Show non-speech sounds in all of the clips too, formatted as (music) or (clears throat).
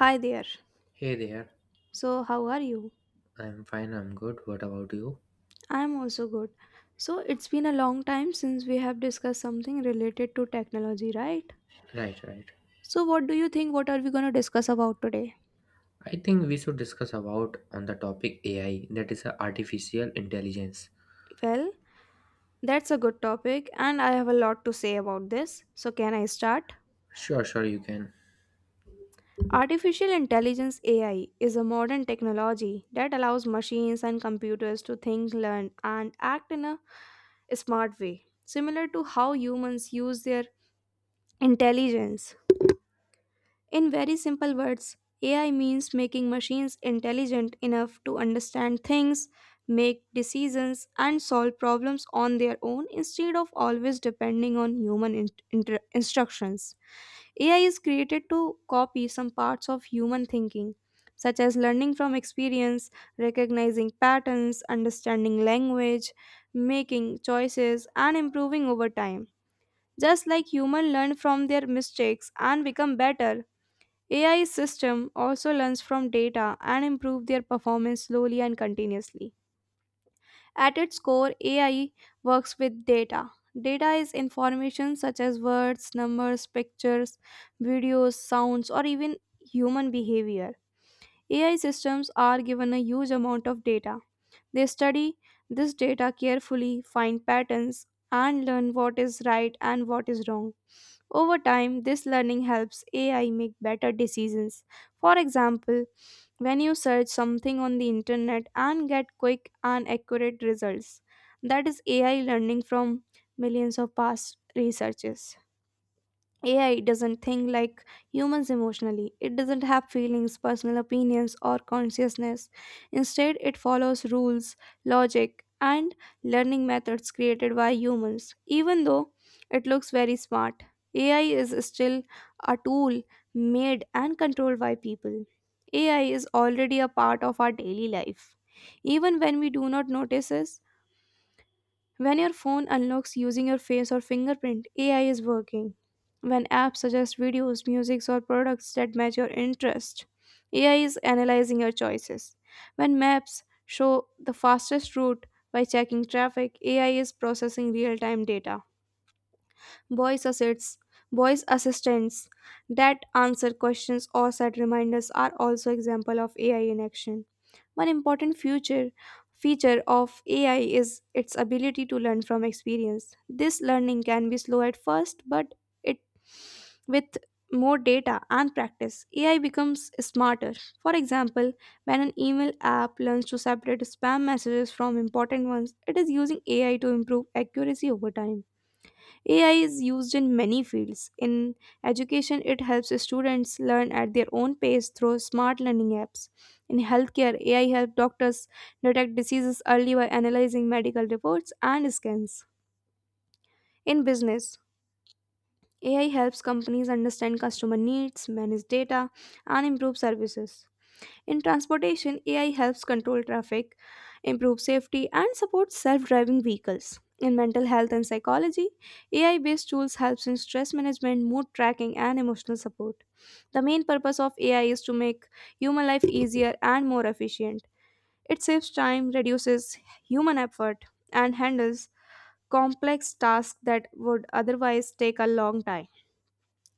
Hi there. Hey there, So, how are you? I'm good. What about you? I'm also good. So, it's been a long time since we have discussed something related to technology, right? Right, right. So, what do you think? What are we going to discuss about today? I think we should discuss about on the topic AI, that is a artificial intelligence. Well, that's a good topic, and I have a lot to say about this. So, can I start? Sure, sure, you can. Artificial intelligence AI is a modern technology that allows machines and computers to think, learn, and act in a smart way, similar to how humans use their intelligence. In very simple words, AI means making machines intelligent enough to understand things, make decisions, and solve problems on their own instead of always depending on human instructions. AI is created to copy some parts of human thinking, such as learning from experience, recognizing patterns, understanding language, making choices, and improving over time. Just like humans learn from their mistakes and become better, AI system also learns from data and improve their performance slowly and continuously. At its core, AI works with data. Data is information such as words, numbers, pictures, videos, sounds, or even human behavior. AI systems are given a huge amount of data. They study this data carefully, find patterns, and learn what is right and what is wrong. Over time, this learning helps AI make better decisions. For example, when you search something on the internet and get quick and accurate results. That is AI learning from millions of past researches. AI doesn't think like humans emotionally. It doesn't have feelings, personal opinions, or consciousness. Instead, it follows rules, logic, and learning methods created by humans. Even though it looks very smart, AI is still a tool made and controlled by people. AI is already a part of our daily life. Even when we do not notice it, when your phone unlocks using your face or fingerprint, AI is working. When apps suggest videos, music, or products that match your interest, AI is analyzing your choices. When maps show the fastest route by checking traffic, AI is processing real time data. voice assets, Voice assistants that answer questions or set reminders are also example of AI in action. One important future feature of AI is its ability to learn from experience. This learning can be slow at first, but it with more data and practice, AI becomes smarter. For example, when an email app learns to separate spam messages from important ones, it is using AI to improve accuracy over time. AI is used in many fields. In education, it helps students learn at their own pace through smart learning apps. In healthcare, AI helps doctors detect diseases early by analyzing medical reports and scans. In business, AI helps companies understand customer needs, manage data, and improve services. In transportation, AI helps control traffic, improve safety, and support self-driving vehicles. In mental health and psychology, AI-based tools helps in stress management, mood tracking, and emotional support. The main purpose of AI is to make human life easier and more efficient. It saves time, reduces human effort, and handles complex tasks that would otherwise take a long time.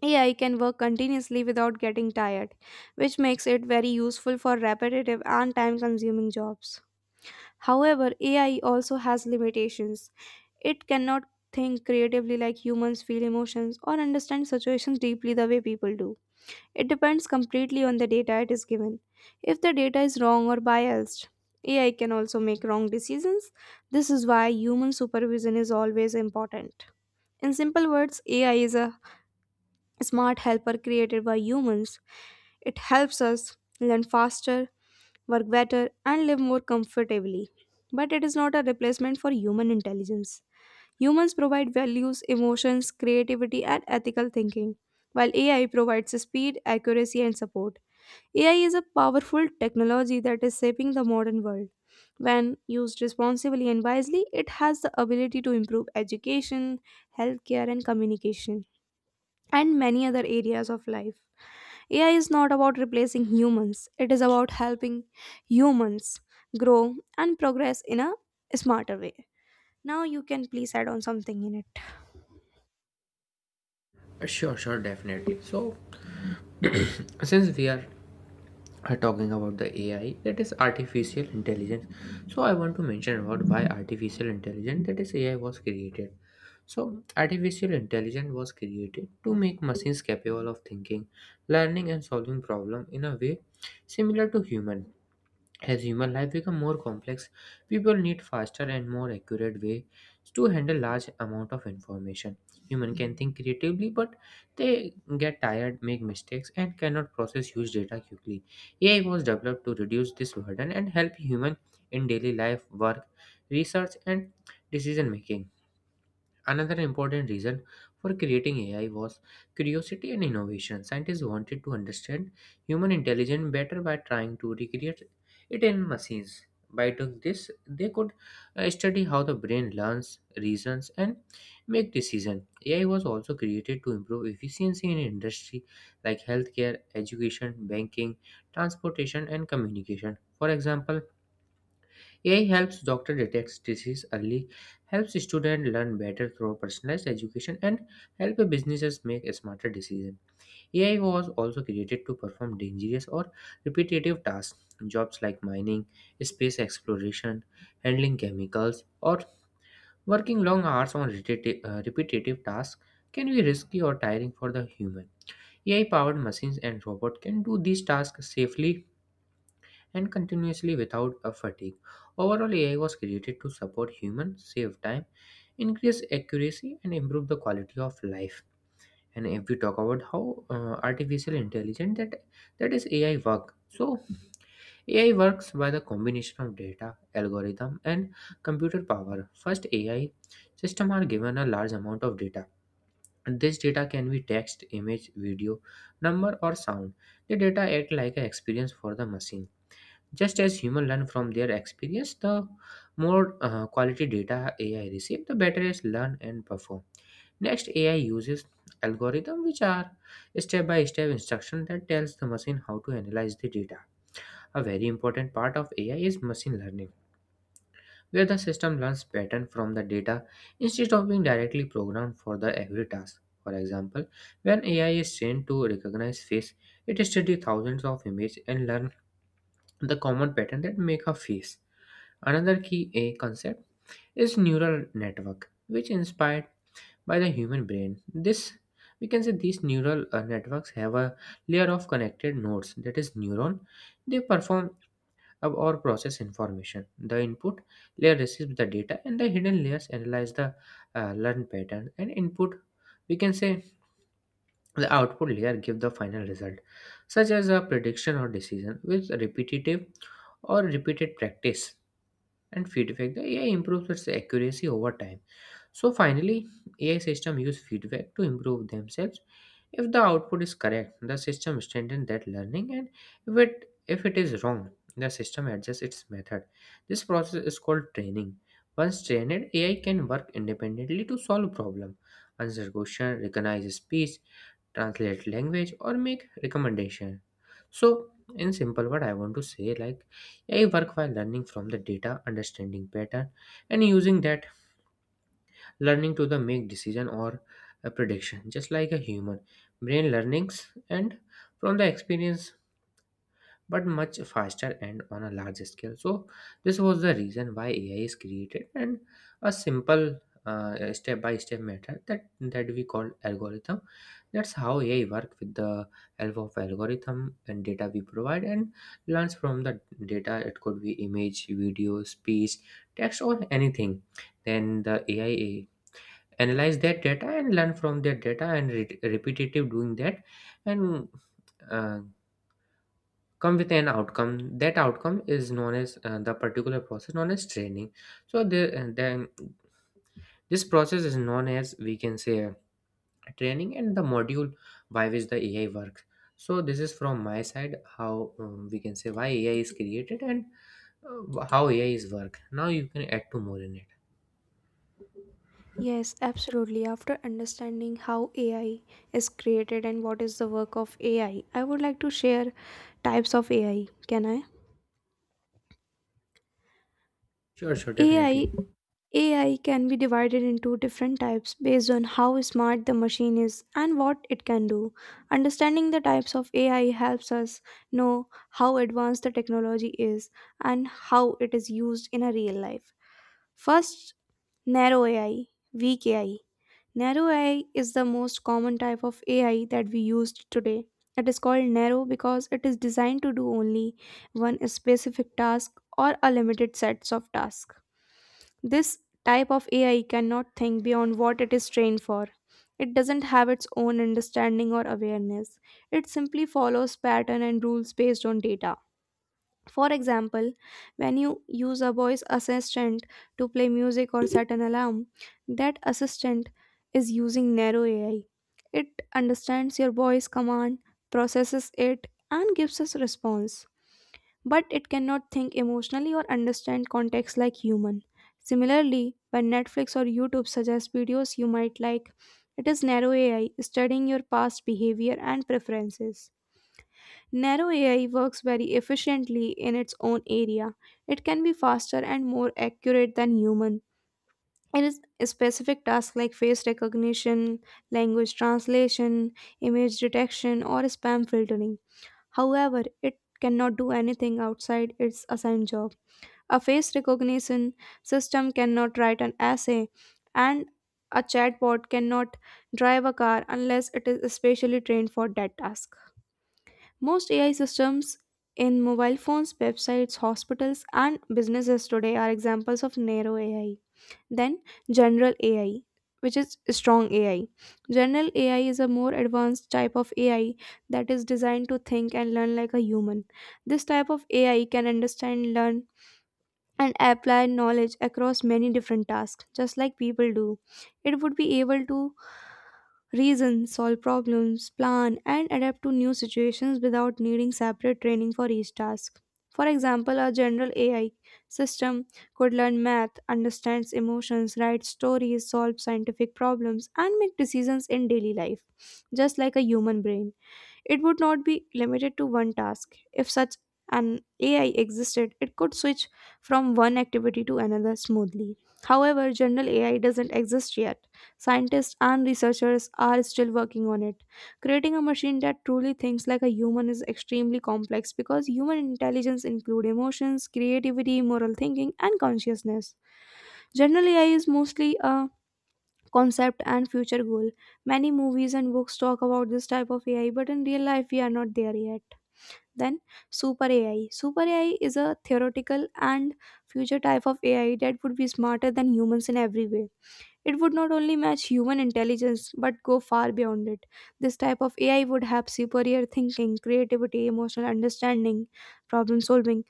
AI can work continuously without getting tired, which makes it very useful for repetitive and time consuming jobs. However, AI also has limitations. It cannot think creatively like humans, feel emotions, or understand situations deeply the way people do. It depends completely on the data it is given. If the data is wrong or biased, AI can also make wrong decisions. This is why human supervision is always important. In simple words, AI is a smart helper created by humans. It helps us learn faster, work better, and live more comfortably. But it is not a replacement for human intelligence. Humans provide values, emotions, creativity, and ethical thinking, while AI provides speed, accuracy, and support. AI is a powerful technology that is shaping the modern world. When used responsibly and wisely, it has the ability to improve education, healthcare, and communication and many other areas of life. AI is not about replacing humans, it is about helping humans grow and progress in a smarter way. Now, you can please add on something in it. Sure, definitely. So, (clears throat) since we are talking about the AI, that is artificial intelligence. So, I want to mention about why artificial intelligence, that is AI, was created. So, artificial intelligence was created to make machines capable of thinking, learning, and solving problems in a way similar to human. As human life becomes more complex, people need faster and more accurate ways to handle large amount of information. Human can think creatively, but they get tired, make mistakes, and cannot process huge data quickly. AI was developed to reduce this burden and help human in daily life, work, research, and decision making. Another important reason for creating AI was curiosity and innovation. Scientists wanted to understand human intelligence better by trying to recreate it in machines. By doing this, they could study how the brain learns, reasons, and make decisions. AI was also created to improve efficiency in industry like healthcare, education, banking, transportation, and communication. For example, AI helps doctor detect disease early, helps students learn better through personalized education, and help businesses make a smarter decisions. AI was also created to perform dangerous or repetitive tasks, jobs like mining, space exploration, handling chemicals, or working long hours on repetitive tasks can be risky or tiring for the human. AI-powered machines and robots can do these tasks safely and continuously without a fatigue. Overall, AI was created to support humans, save time, increase accuracy, and improve the quality of life. And if we talk about how artificial intelligence that is AI work, so AI works by the combination of data, algorithm, and computer power. First, AI system are given a large amount of data. And this data can be text, image, video, number, or sound. The data act like an experience for the machine just as humans learn from their experience, the more quality data AI receives, the better it learn and perform. Next, AI uses algorithms which are step-by-step instruction that tells the machine how to analyze the data. A very important part of AI is machine learning, where the system learns pattern from the data instead of being directly programmed for the every task. For example, when AI is trained to recognize face, it studies thousands of images and learn the common pattern that make a face. Another key A concept is neural network, which inspired by the human brain. This we can say these neural networks have a layer of connected nodes that is neuron. They perform or process information. The input layer receives the data, and the hidden layers analyze the learned pattern. And input we can say the output layer give the final result, such as a prediction or decision with repetitive or repeated practice and feedback. The AI improves its accuracy over time. So finally, AI system use feedback to improve themselves. If the output is correct, the system strengthens that learning, and if it is wrong, the system adjusts its method. This process is called training. Once trained, AI can work independently to solve problem, answer question, recognize speech, translate language, or make recommendation. So in simple word, I want to say like AI work by learning from the data, understanding pattern, and using that learning to the make decision or a prediction, just like a human. Brain learnings and from the experience but much faster and on a larger scale. So this was the reason why AI is created and a simple step-by-step method that we call algorithm. That's how AI work with the help of algorithm and data we provide and learns from the data. It could be image, video, speech, text, or anything. Then the AI analyze that data and learn from that data and repetitive doing that and. Uh, come with an outcome. That outcome is known as the particular process known as training. So then this process is known as we can say training and the module by which the AI works. So this is from my side how we can say why AI is created and how AI is work. Now you can add to more in it. Yes, absolutely. After understanding how AI is created and what is the work of AI, I would like to share types of AI. Can I? sure sure definitely AI AI can be divided into different types based on how smart the machine is and what it can do. Understanding the types of AI helps us know how advanced the technology is and how it is used in a real life. First, narrow AI, weak AI. Narrow AI is the most common type of AI that we use today. It is called narrow because it is designed to do only one specific task or a limited sets of tasks. This type of AI cannot think beyond what it is trained for. It doesn't have its own understanding or awareness. It simply follows pattern and rules based on data. For example, when you use a voice assistant to play music or set an alarm, that assistant is using narrow AI. It understands your voice command, processes it, and gives us response but it cannot think emotionally or understand context like human. Similarly, when Netflix or YouTube suggest videos you might like, it is narrow AI studying your past behavior and preferences. Narrow AI works very efficiently in its own area. It can be faster and more accurate than human. It is specific tasks like face recognition, language translation, image detection, or spam filtering. However, it cannot do anything outside its assigned job. A face recognition system cannot write an essay, and a chatbot cannot drive a car unless it is specially trained for that task. Most AI systems in mobile phones, websites, hospitals, and businesses today are examples of narrow AI. Then, general AI, which is strong AI. General AI is a more advanced type of AI that is designed to think and learn like a human. This type of AI can understand, learn, and apply knowledge across many different tasks, just like people do. It would be able to reason, solve problems, plan, and adapt to new situations without needing separate training for each task. For example, a general AI system could learn math, understands emotions, write stories, solve scientific problems, and make decisions in daily life, just like a human brain. It would not be limited to one task. If such an AI existed, it could switch from one activity to another smoothly. However, general AI doesn't exist yet. Scientists and researchers are still working on it. Creating a machine that truly thinks like a human is extremely complex because human intelligence includes emotions, creativity, moral thinking, and consciousness. General AI is mostly a concept and future goal. Many movies and books talk about this type of AI, but in real life, we are not there yet. Then, super AI. Super AI is a theoretical and future type of AI that would be smarter than humans in every way. It would not only match human intelligence but go far beyond it. This type of AI would have superior thinking, creativity, emotional understanding, problem solving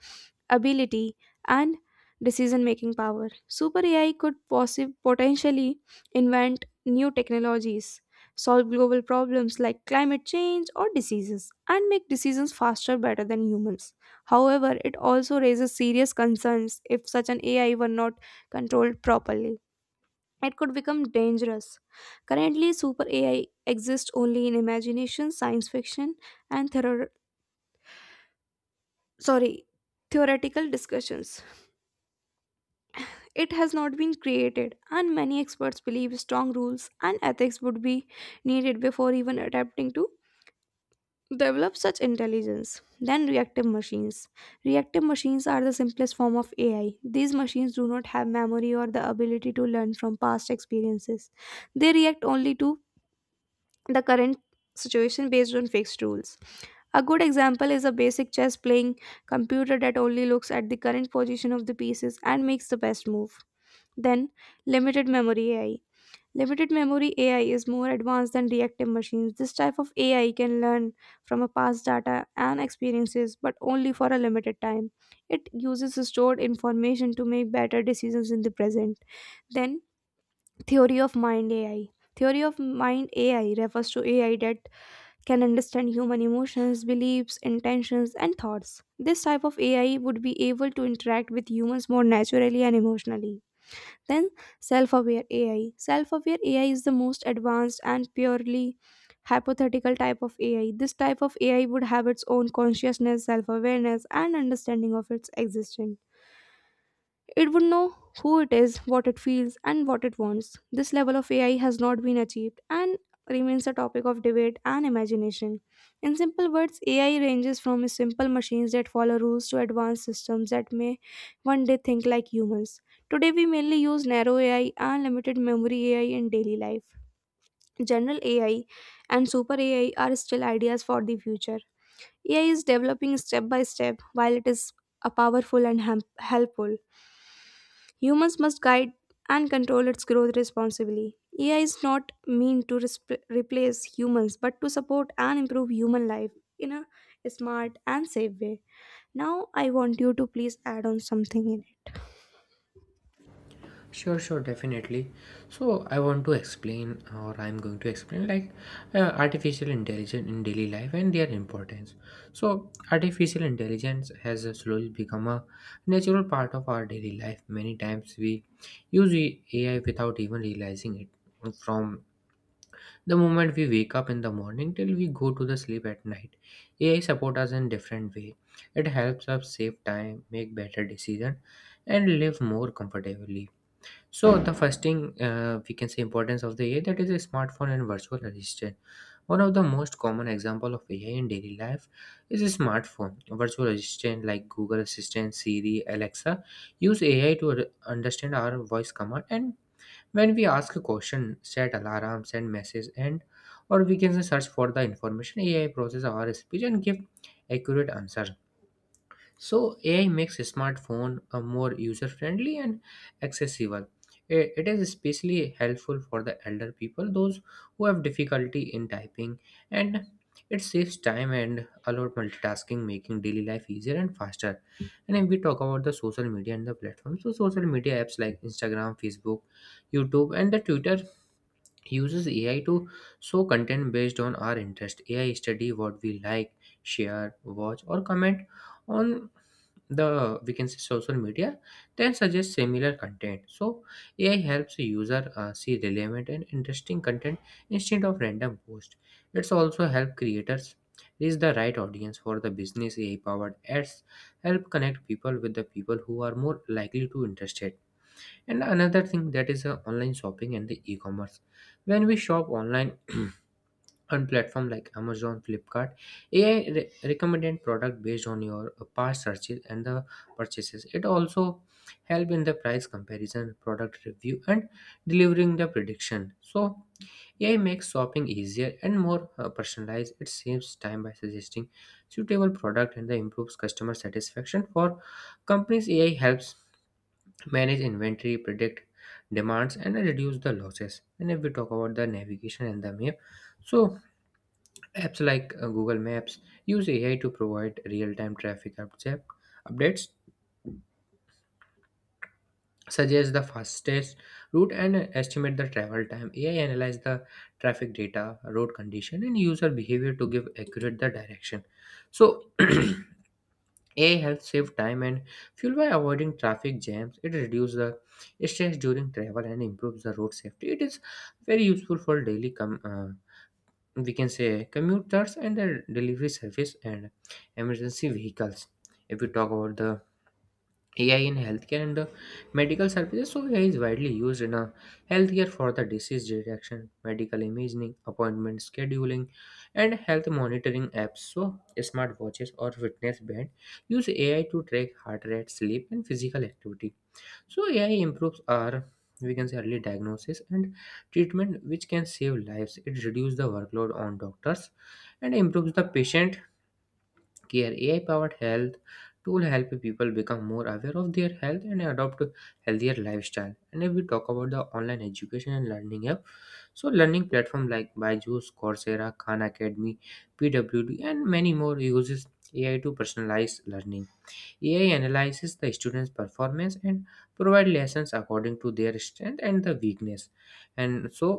ability, and decision making power. Super AI could potentially invent new technologies, solve global problems like climate change or diseases, and make decisions faster, better than humans. However, it also raises serious concerns if such an AI were not controlled properly it could become dangerous. Currently, super AI exists only in imagination, science fiction, and sorry, theoretical discussions. It has not been created, and many experts believe strong rules and ethics would be needed before even attempting to develop such intelligence. Then, reactive machines. Reactive machines are the simplest form of AI. These machines do not have memory or the ability to learn from past experiences. They react only to the current situation based on fixed rules. A good example is a basic chess playing computer that only looks at the current position of the pieces and makes the best move. Then, limited memory AI. Limited memory AI is more advanced than reactive machines. This type of AI can learn from a past data and experiences, but only for a limited time. It uses stored information to make better decisions in the present. Then, theory of mind AI. Theory of mind AI refers to AI that can understand human emotions, beliefs, intentions, and thoughts. This type of AI would be able to interact with humans more naturally and emotionally. Then, self aware AI. Self aware AI is the most advanced and purely hypothetical type of AI. This type of AI would have its own consciousness, self awareness, and understanding of its existence. It would know who it is, what it feels, and what it wants. This level of AI has not been achieved and remains a topic of debate and imagination. In simple words, AI ranges from simple machines that follow rules to advanced systems that may one day think like humans. Today, we mainly use narrow AI and limited memory AI in daily life. General AI and super AI are still ideas for the future. AI is developing step by step while it is a powerful and helpful. Humans must guide and control its growth responsibly. AI is not meant to replace humans but to support and improve human life in a smart and safe way. Now, I want you to please add on something in it. Sure, sure, definitely. So I want to explain, or I'm going to explain, like artificial intelligence in daily life and their importance. So artificial intelligence has slowly become a natural part of our daily life. Many times we use AI without even realizing it. From the moment we wake up in the morning till we go to the sleep at night, AI support us in different way. It helps us save time, make better decision, and live more comfortably. So the first thing we can say importance of the AI that is a smartphone and virtual assistant. One of the most common example of AI in daily life is a smartphone. Virtual assistant like Google Assistant, Siri, Alexa use AI to understand our voice command and when we ask a question, set alarm, send message, and or we can say search for the information. AI process our speech and give accurate answer. So AI makes smartphone more user-friendly and accessible. It is especially helpful for the elder people, those who have difficulty in typing, and it saves time and allows multitasking, making daily life easier and faster. And if we talk about the social media and the platforms, so social media apps like Instagram, Facebook, YouTube, and the Twitter uses AI to show content based on our interest. AI study what we like, share, watch, or comment on the we can say social media, then suggest similar content. So AI helps the user see relevant and interesting content instead of random posts. It's also help creators reach the right audience for the business. AI powered ads help connect people with the people who are more likely to interested. And another thing that is online shopping and the e-commerce. When we shop online, (clears throat) on platform like Amazon, Flipkart, AI recommended product based on your past searches and the purchases. It also help in the price comparison, product review, and delivering the prediction. So AI makes shopping easier and more personalized. It saves time by suggesting suitable product and the improves customer satisfaction for companies. AI helps manage inventory, predict demands, and reduce the losses. And if we talk about the navigation and the map, so apps like Google Maps use AI to provide real-time traffic updates, suggest the fastest route, and estimate the travel time. AI analyze the traffic data, road condition, and user behavior to give accurate the direction. So (clears throat) AI helps save time and fuel by avoiding traffic jams. It reduces the stress during travel and improves the road safety. It is very useful for daily we can say commuters and the delivery service and emergency vehicles. If we talk about the AI in healthcare and the medical services. So AI is widely used in a healthcare for the disease detection, medical imaging, appointment scheduling, and health monitoring apps. So smartwatches or fitness band use AI to track heart rate, sleep, and physical activity. So AI improves our we can say early diagnosis and treatment which can save lives. It reduces the workload on doctors and improves the patient care. AI powered health tool help people become more aware of their health and adopt a healthier lifestyle. And if we talk about the online education and learning app, so learning platform like Byju's, Coursera, Khan Academy, PWD and many more uses AI to personalize learning. AI analyzes the student's performance and provide lessons according to their strength and the weakness and so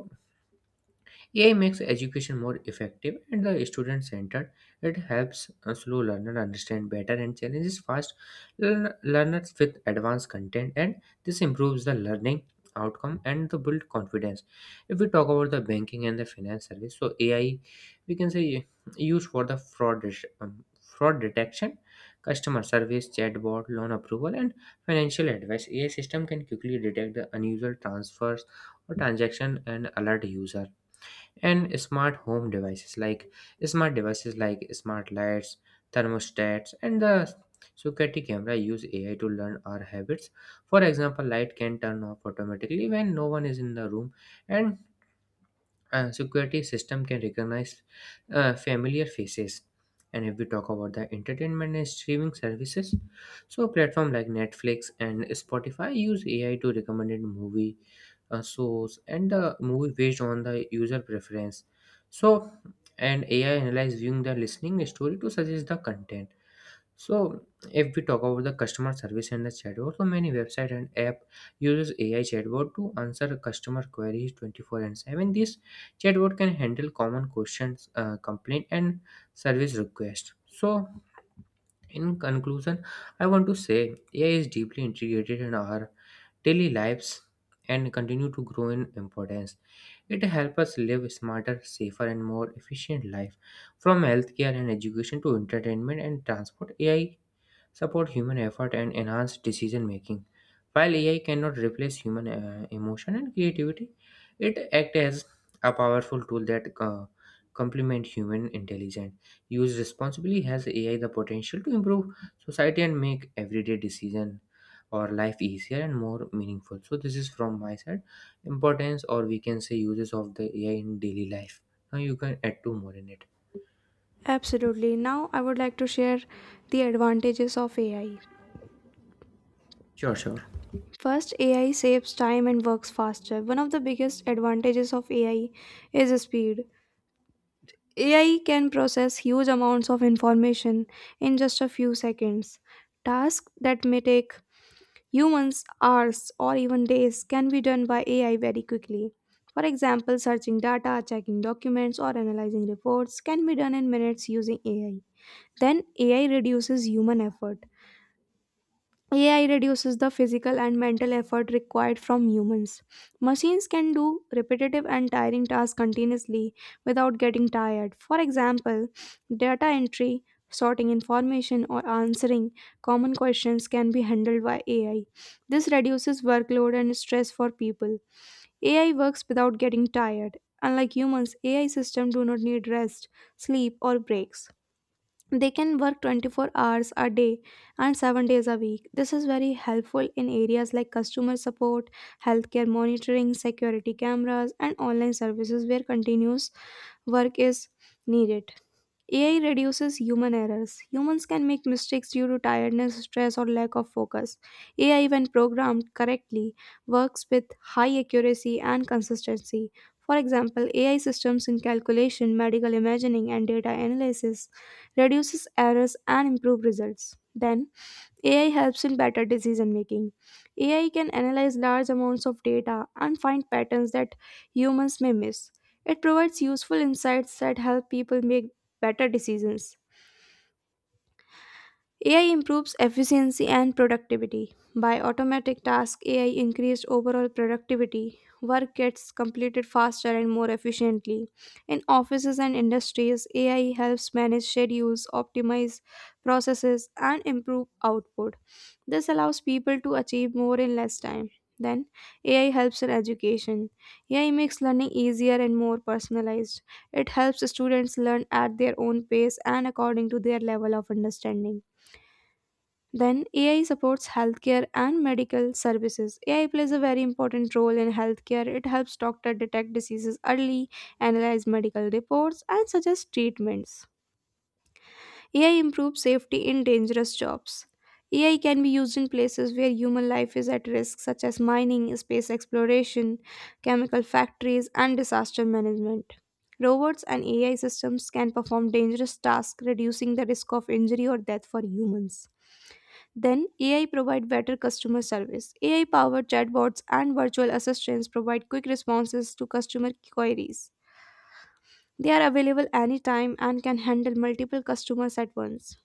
AI makes education more effective and the student-centered. It helps a slow learner understand better and challenges fast learners with advanced content, and this improves the learning outcome and the build confidence. If we talk about the banking and the finance service, so AI we can say used for the fraud detection, customer service, chatbot, loan approval, and financial advice. AI system can quickly detect the unusual transfers or transaction and alert user, and smart home devices like smart lights, thermostats, and the security camera use AI to learn our habits. For example, light can turn off automatically when no one is in the room, and security system can recognize familiar faces. And if we talk about the entertainment and streaming services, so platform like Netflix and Spotify use AI to recommend movie shows and the movie based on the user preference. So and AI analyze viewing the listening story to suggest the content. So if we talk about the customer service and the chatbot, so many website and app uses AI chatbot to answer customer queries 24/7. This chatbot can handle common questions, complaint, and service requests. So in conclusion, I want to say AI is deeply integrated in our daily lives and continue to grow in importance. It helps us live smarter, safer, and more efficient life. From healthcare and education to entertainment and transport, AI support human effort and enhance decision making. While AI cannot replace human emotion and creativity, it acts as a powerful tool that complement human intelligence. Used responsibly, has AI the potential to improve society and make everyday decision or life easier and more meaningful. So this is from my side, importance or we can say uses of the AI in daily life. Now you can add two more in it. Absolutely. Now, I would like to share the advantages of AI. Sure, sure. First, AI saves time and works faster. One of the biggest advantages of AI is speed. AI can process huge amounts of information in just a few seconds. Tasks that may take humans hours or even days can be done by AI very quickly. For example, searching data, checking documents, or analyzing reports can be done in minutes using AI. Then AI reduces human effort. AI reduces the physical and mental effort required from humans. Machines can do repetitive and tiring tasks continuously without getting tired. For example, data entry, sorting information, or answering common questions can be handled by AI. This reduces workload and stress for people. AI works without getting tired. Unlike humans, AI systems do not need rest, sleep, or breaks. They can work 24 hours a day and 7 days a week. This is very helpful in areas like customer support, healthcare monitoring, security cameras, and online services where continuous work is needed. AI reduces human errors. Humans can make mistakes due to tiredness, stress, or lack of focus. AI, when programmed correctly, works with high accuracy and consistency. For example, AI systems in calculation, medical imaging, and data analysis reduces errors and improve results. Then AI helps in better decision making. AI can analyze large amounts of data and find patterns that humans may miss. It provides useful insights that help people make better decisions. AI improves efficiency and productivity. By automatic tasks, AI increased overall productivity. Work gets completed faster and more efficiently. In offices and industries, AI helps manage schedules, optimize processes, and improve output. This allows people to achieve more in less time. Then, AI helps in education. AI makes learning easier and more personalized. It helps students learn at their own pace and according to their level of understanding. Then, AI supports healthcare and medical services. AI plays a very important role in healthcare. It helps doctors detect diseases early, analyze medical reports, and suggest treatments. AI improves safety in dangerous jobs. AI can be used in places where human life is at risk, such as mining, space exploration, chemical factories, and disaster management. Robots and AI systems can perform dangerous tasks, reducing the risk of injury or death for humans. Then, AI provide better customer service. AI-powered chatbots and virtual assistants provide quick responses to customer queries. They are available anytime and can handle multiple customers at once.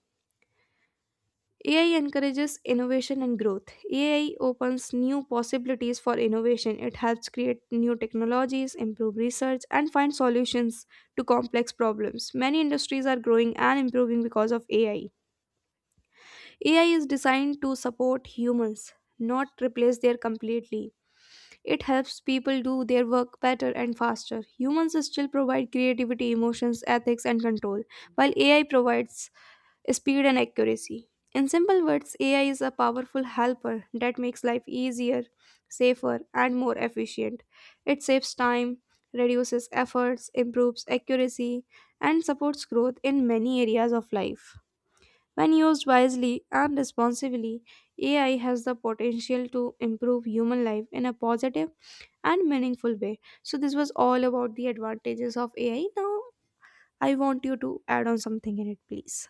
AI encourages innovation and growth. AI opens new possibilities for innovation. It helps create new technologies, improve research, and find solutions to complex problems. Many industries are growing and improving because of AI. AI is designed to support humans, not replace their completely. It helps people do their work better and faster. Humans still provide creativity, emotions, ethics, and control, while AI provides speed, and accuracy. In simple words, AI is a powerful helper that makes life easier, safer, and more efficient. It saves time, reduces efforts, improves accuracy, and supports growth in many areas of life. When used wisely and responsibly, AI has the potential to improve human life in a positive and meaningful way. So, this was all about the advantages of AI. Now, I want you to add on something in it, please.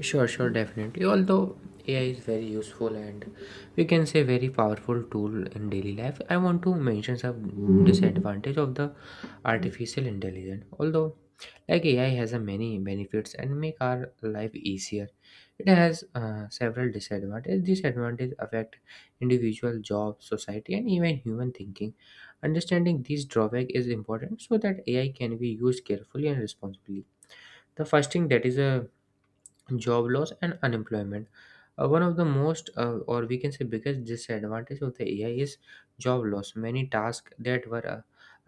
Sure, sure, definitely. Although AI is very useful and we can say very powerful tool in daily life, I want to mention some disadvantage of the artificial intelligence. Although, like, AI has a many benefits and make our life easier, it has several disadvantages. Disadvantages affect individual job, society, and even human thinking. Understanding these drawback is important so that AI can be used carefully and responsibly. The first thing that is a job loss and unemployment. One of the most, or we can say biggest disadvantage of the AI, is job loss. Many tasks that were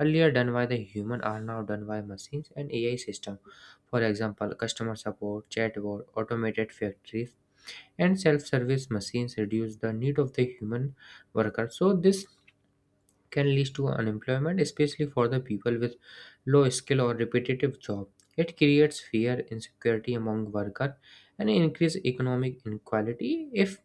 earlier done by the human are now done by machines and AI system. For example, customer support chatbot, automated factories, and self-service machines reduce the need of the human worker, so this can lead to unemployment, especially for the people with low skill or repetitive job. It creates fear, insecurity among workers, and increase economic inequality if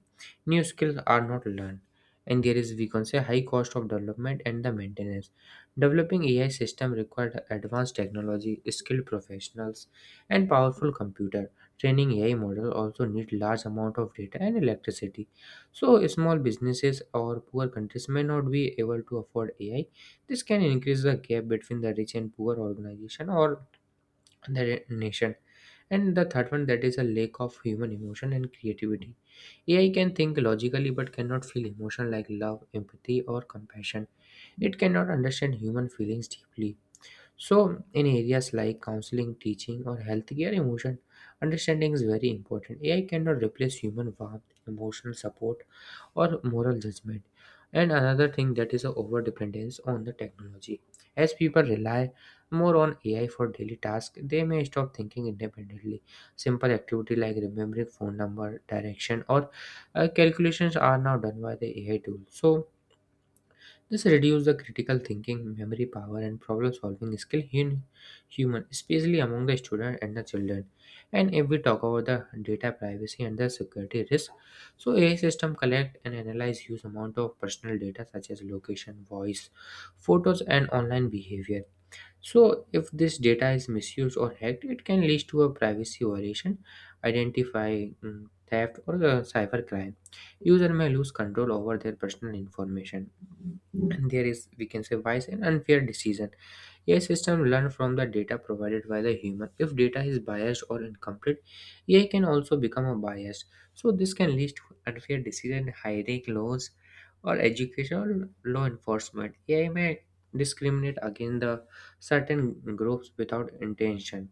new skills are not learned. And there is, we can say, high cost of development and the maintenance. Developing AI system required advanced technology, skilled professionals, and powerful computer. Training AI model also need large amount of data and electricity, so small businesses or poor countries may not be able to afford AI. This can increase the gap between the rich and poor organization or the nation. And the third one that is a lack of human emotion and creativity. AI can think logically but cannot feel emotion like love, empathy, or compassion. It cannot understand human feelings deeply. So, in areas like counseling, teaching, or healthcare, emotion understanding is very important. AI cannot replace human warmth, emotional support, or moral judgment. And another thing that is a over dependence on the technology. As people rely more on AI for daily tasks, they may stop thinking independently. Simple activity like remembering phone number, direction, or calculations are now done by the AI tool. So, this reduces the critical thinking, memory power, and problem solving skill in human, especially among the student and the children. And if we talk about the data privacy and the security risk, so AI system collect and analyze huge amount of personal data such as location, voice, photos, and online behavior. So if this data is misused or hacked, it can lead to a privacy violation, identify theft, or a cyber crime. User may lose control over their personal information. And there is, we can say, bias and unfair decision. AI system learn from the data provided by the human. If data is biased or incomplete, AI can also become a bias. So this can lead to unfair decision hiring laws or educational law enforcement. AI may discriminate against the certain groups without intention.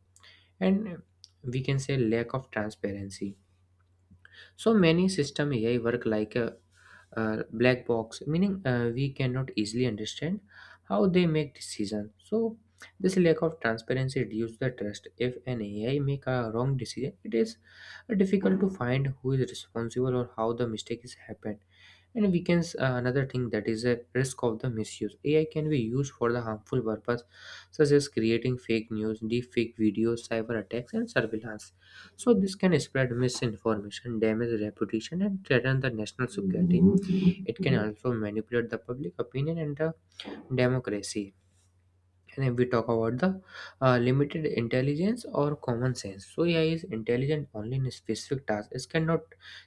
And we can say lack of transparency. So many system AI work like a black box, meaning we cannot easily understand how they make decisions. So this lack of transparency reduces the trust. If an AI make a wrong decision, it is difficult to find who is responsible or how the mistake is happened. And we can another thing that is a risk of the misuse. AI can be used for the harmful purpose, such as creating fake news, deep fake videos, cyber attacks, and surveillance. So this can spread misinformation, damage reputation, and threaten the national security. It can also manipulate the public opinion and the democracy. And if we talk about the limited intelligence or common sense, so AI is intelligent only in specific tasks. It cannot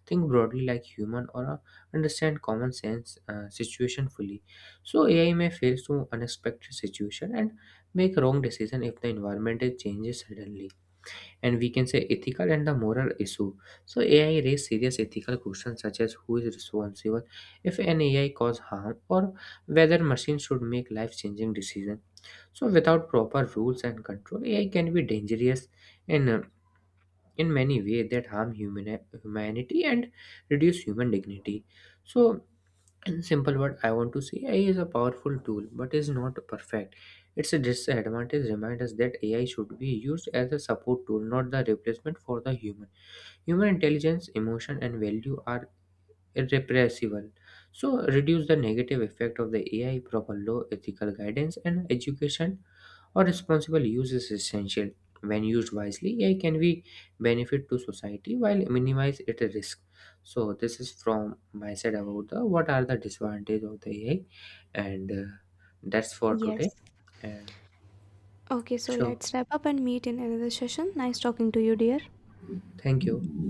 think broadly like human or understand common sense situation fully. So AI may face to unexpected situation and make wrong decision if the environment is changes suddenly. And we can say ethical and the moral issue. So AI raise serious ethical questions such as who is responsible if an AI cause harm or whether machines should make life-changing decisions. So without proper rules and control, AI can be dangerous in uh, in many ways that harm humanity and reduce human dignity. So in simple word, I want to say AI is a powerful tool but is not perfect. Its disadvantage remind us that AI should be used as a support tool, not the replacement for the human intelligence. Emotion and value are irrepressible. So reduce the negative effect of the AI, proper law, ethical guidance, and education or responsible use is essential. When used wisely, AI can be benefit to society while minimize its risk. So this is from my side about the what are the disadvantages of the AI, and that's for today. Yes. Uh, Okay, so sure, let's wrap up and meet in another session. Nice talking to you, dear. thank you.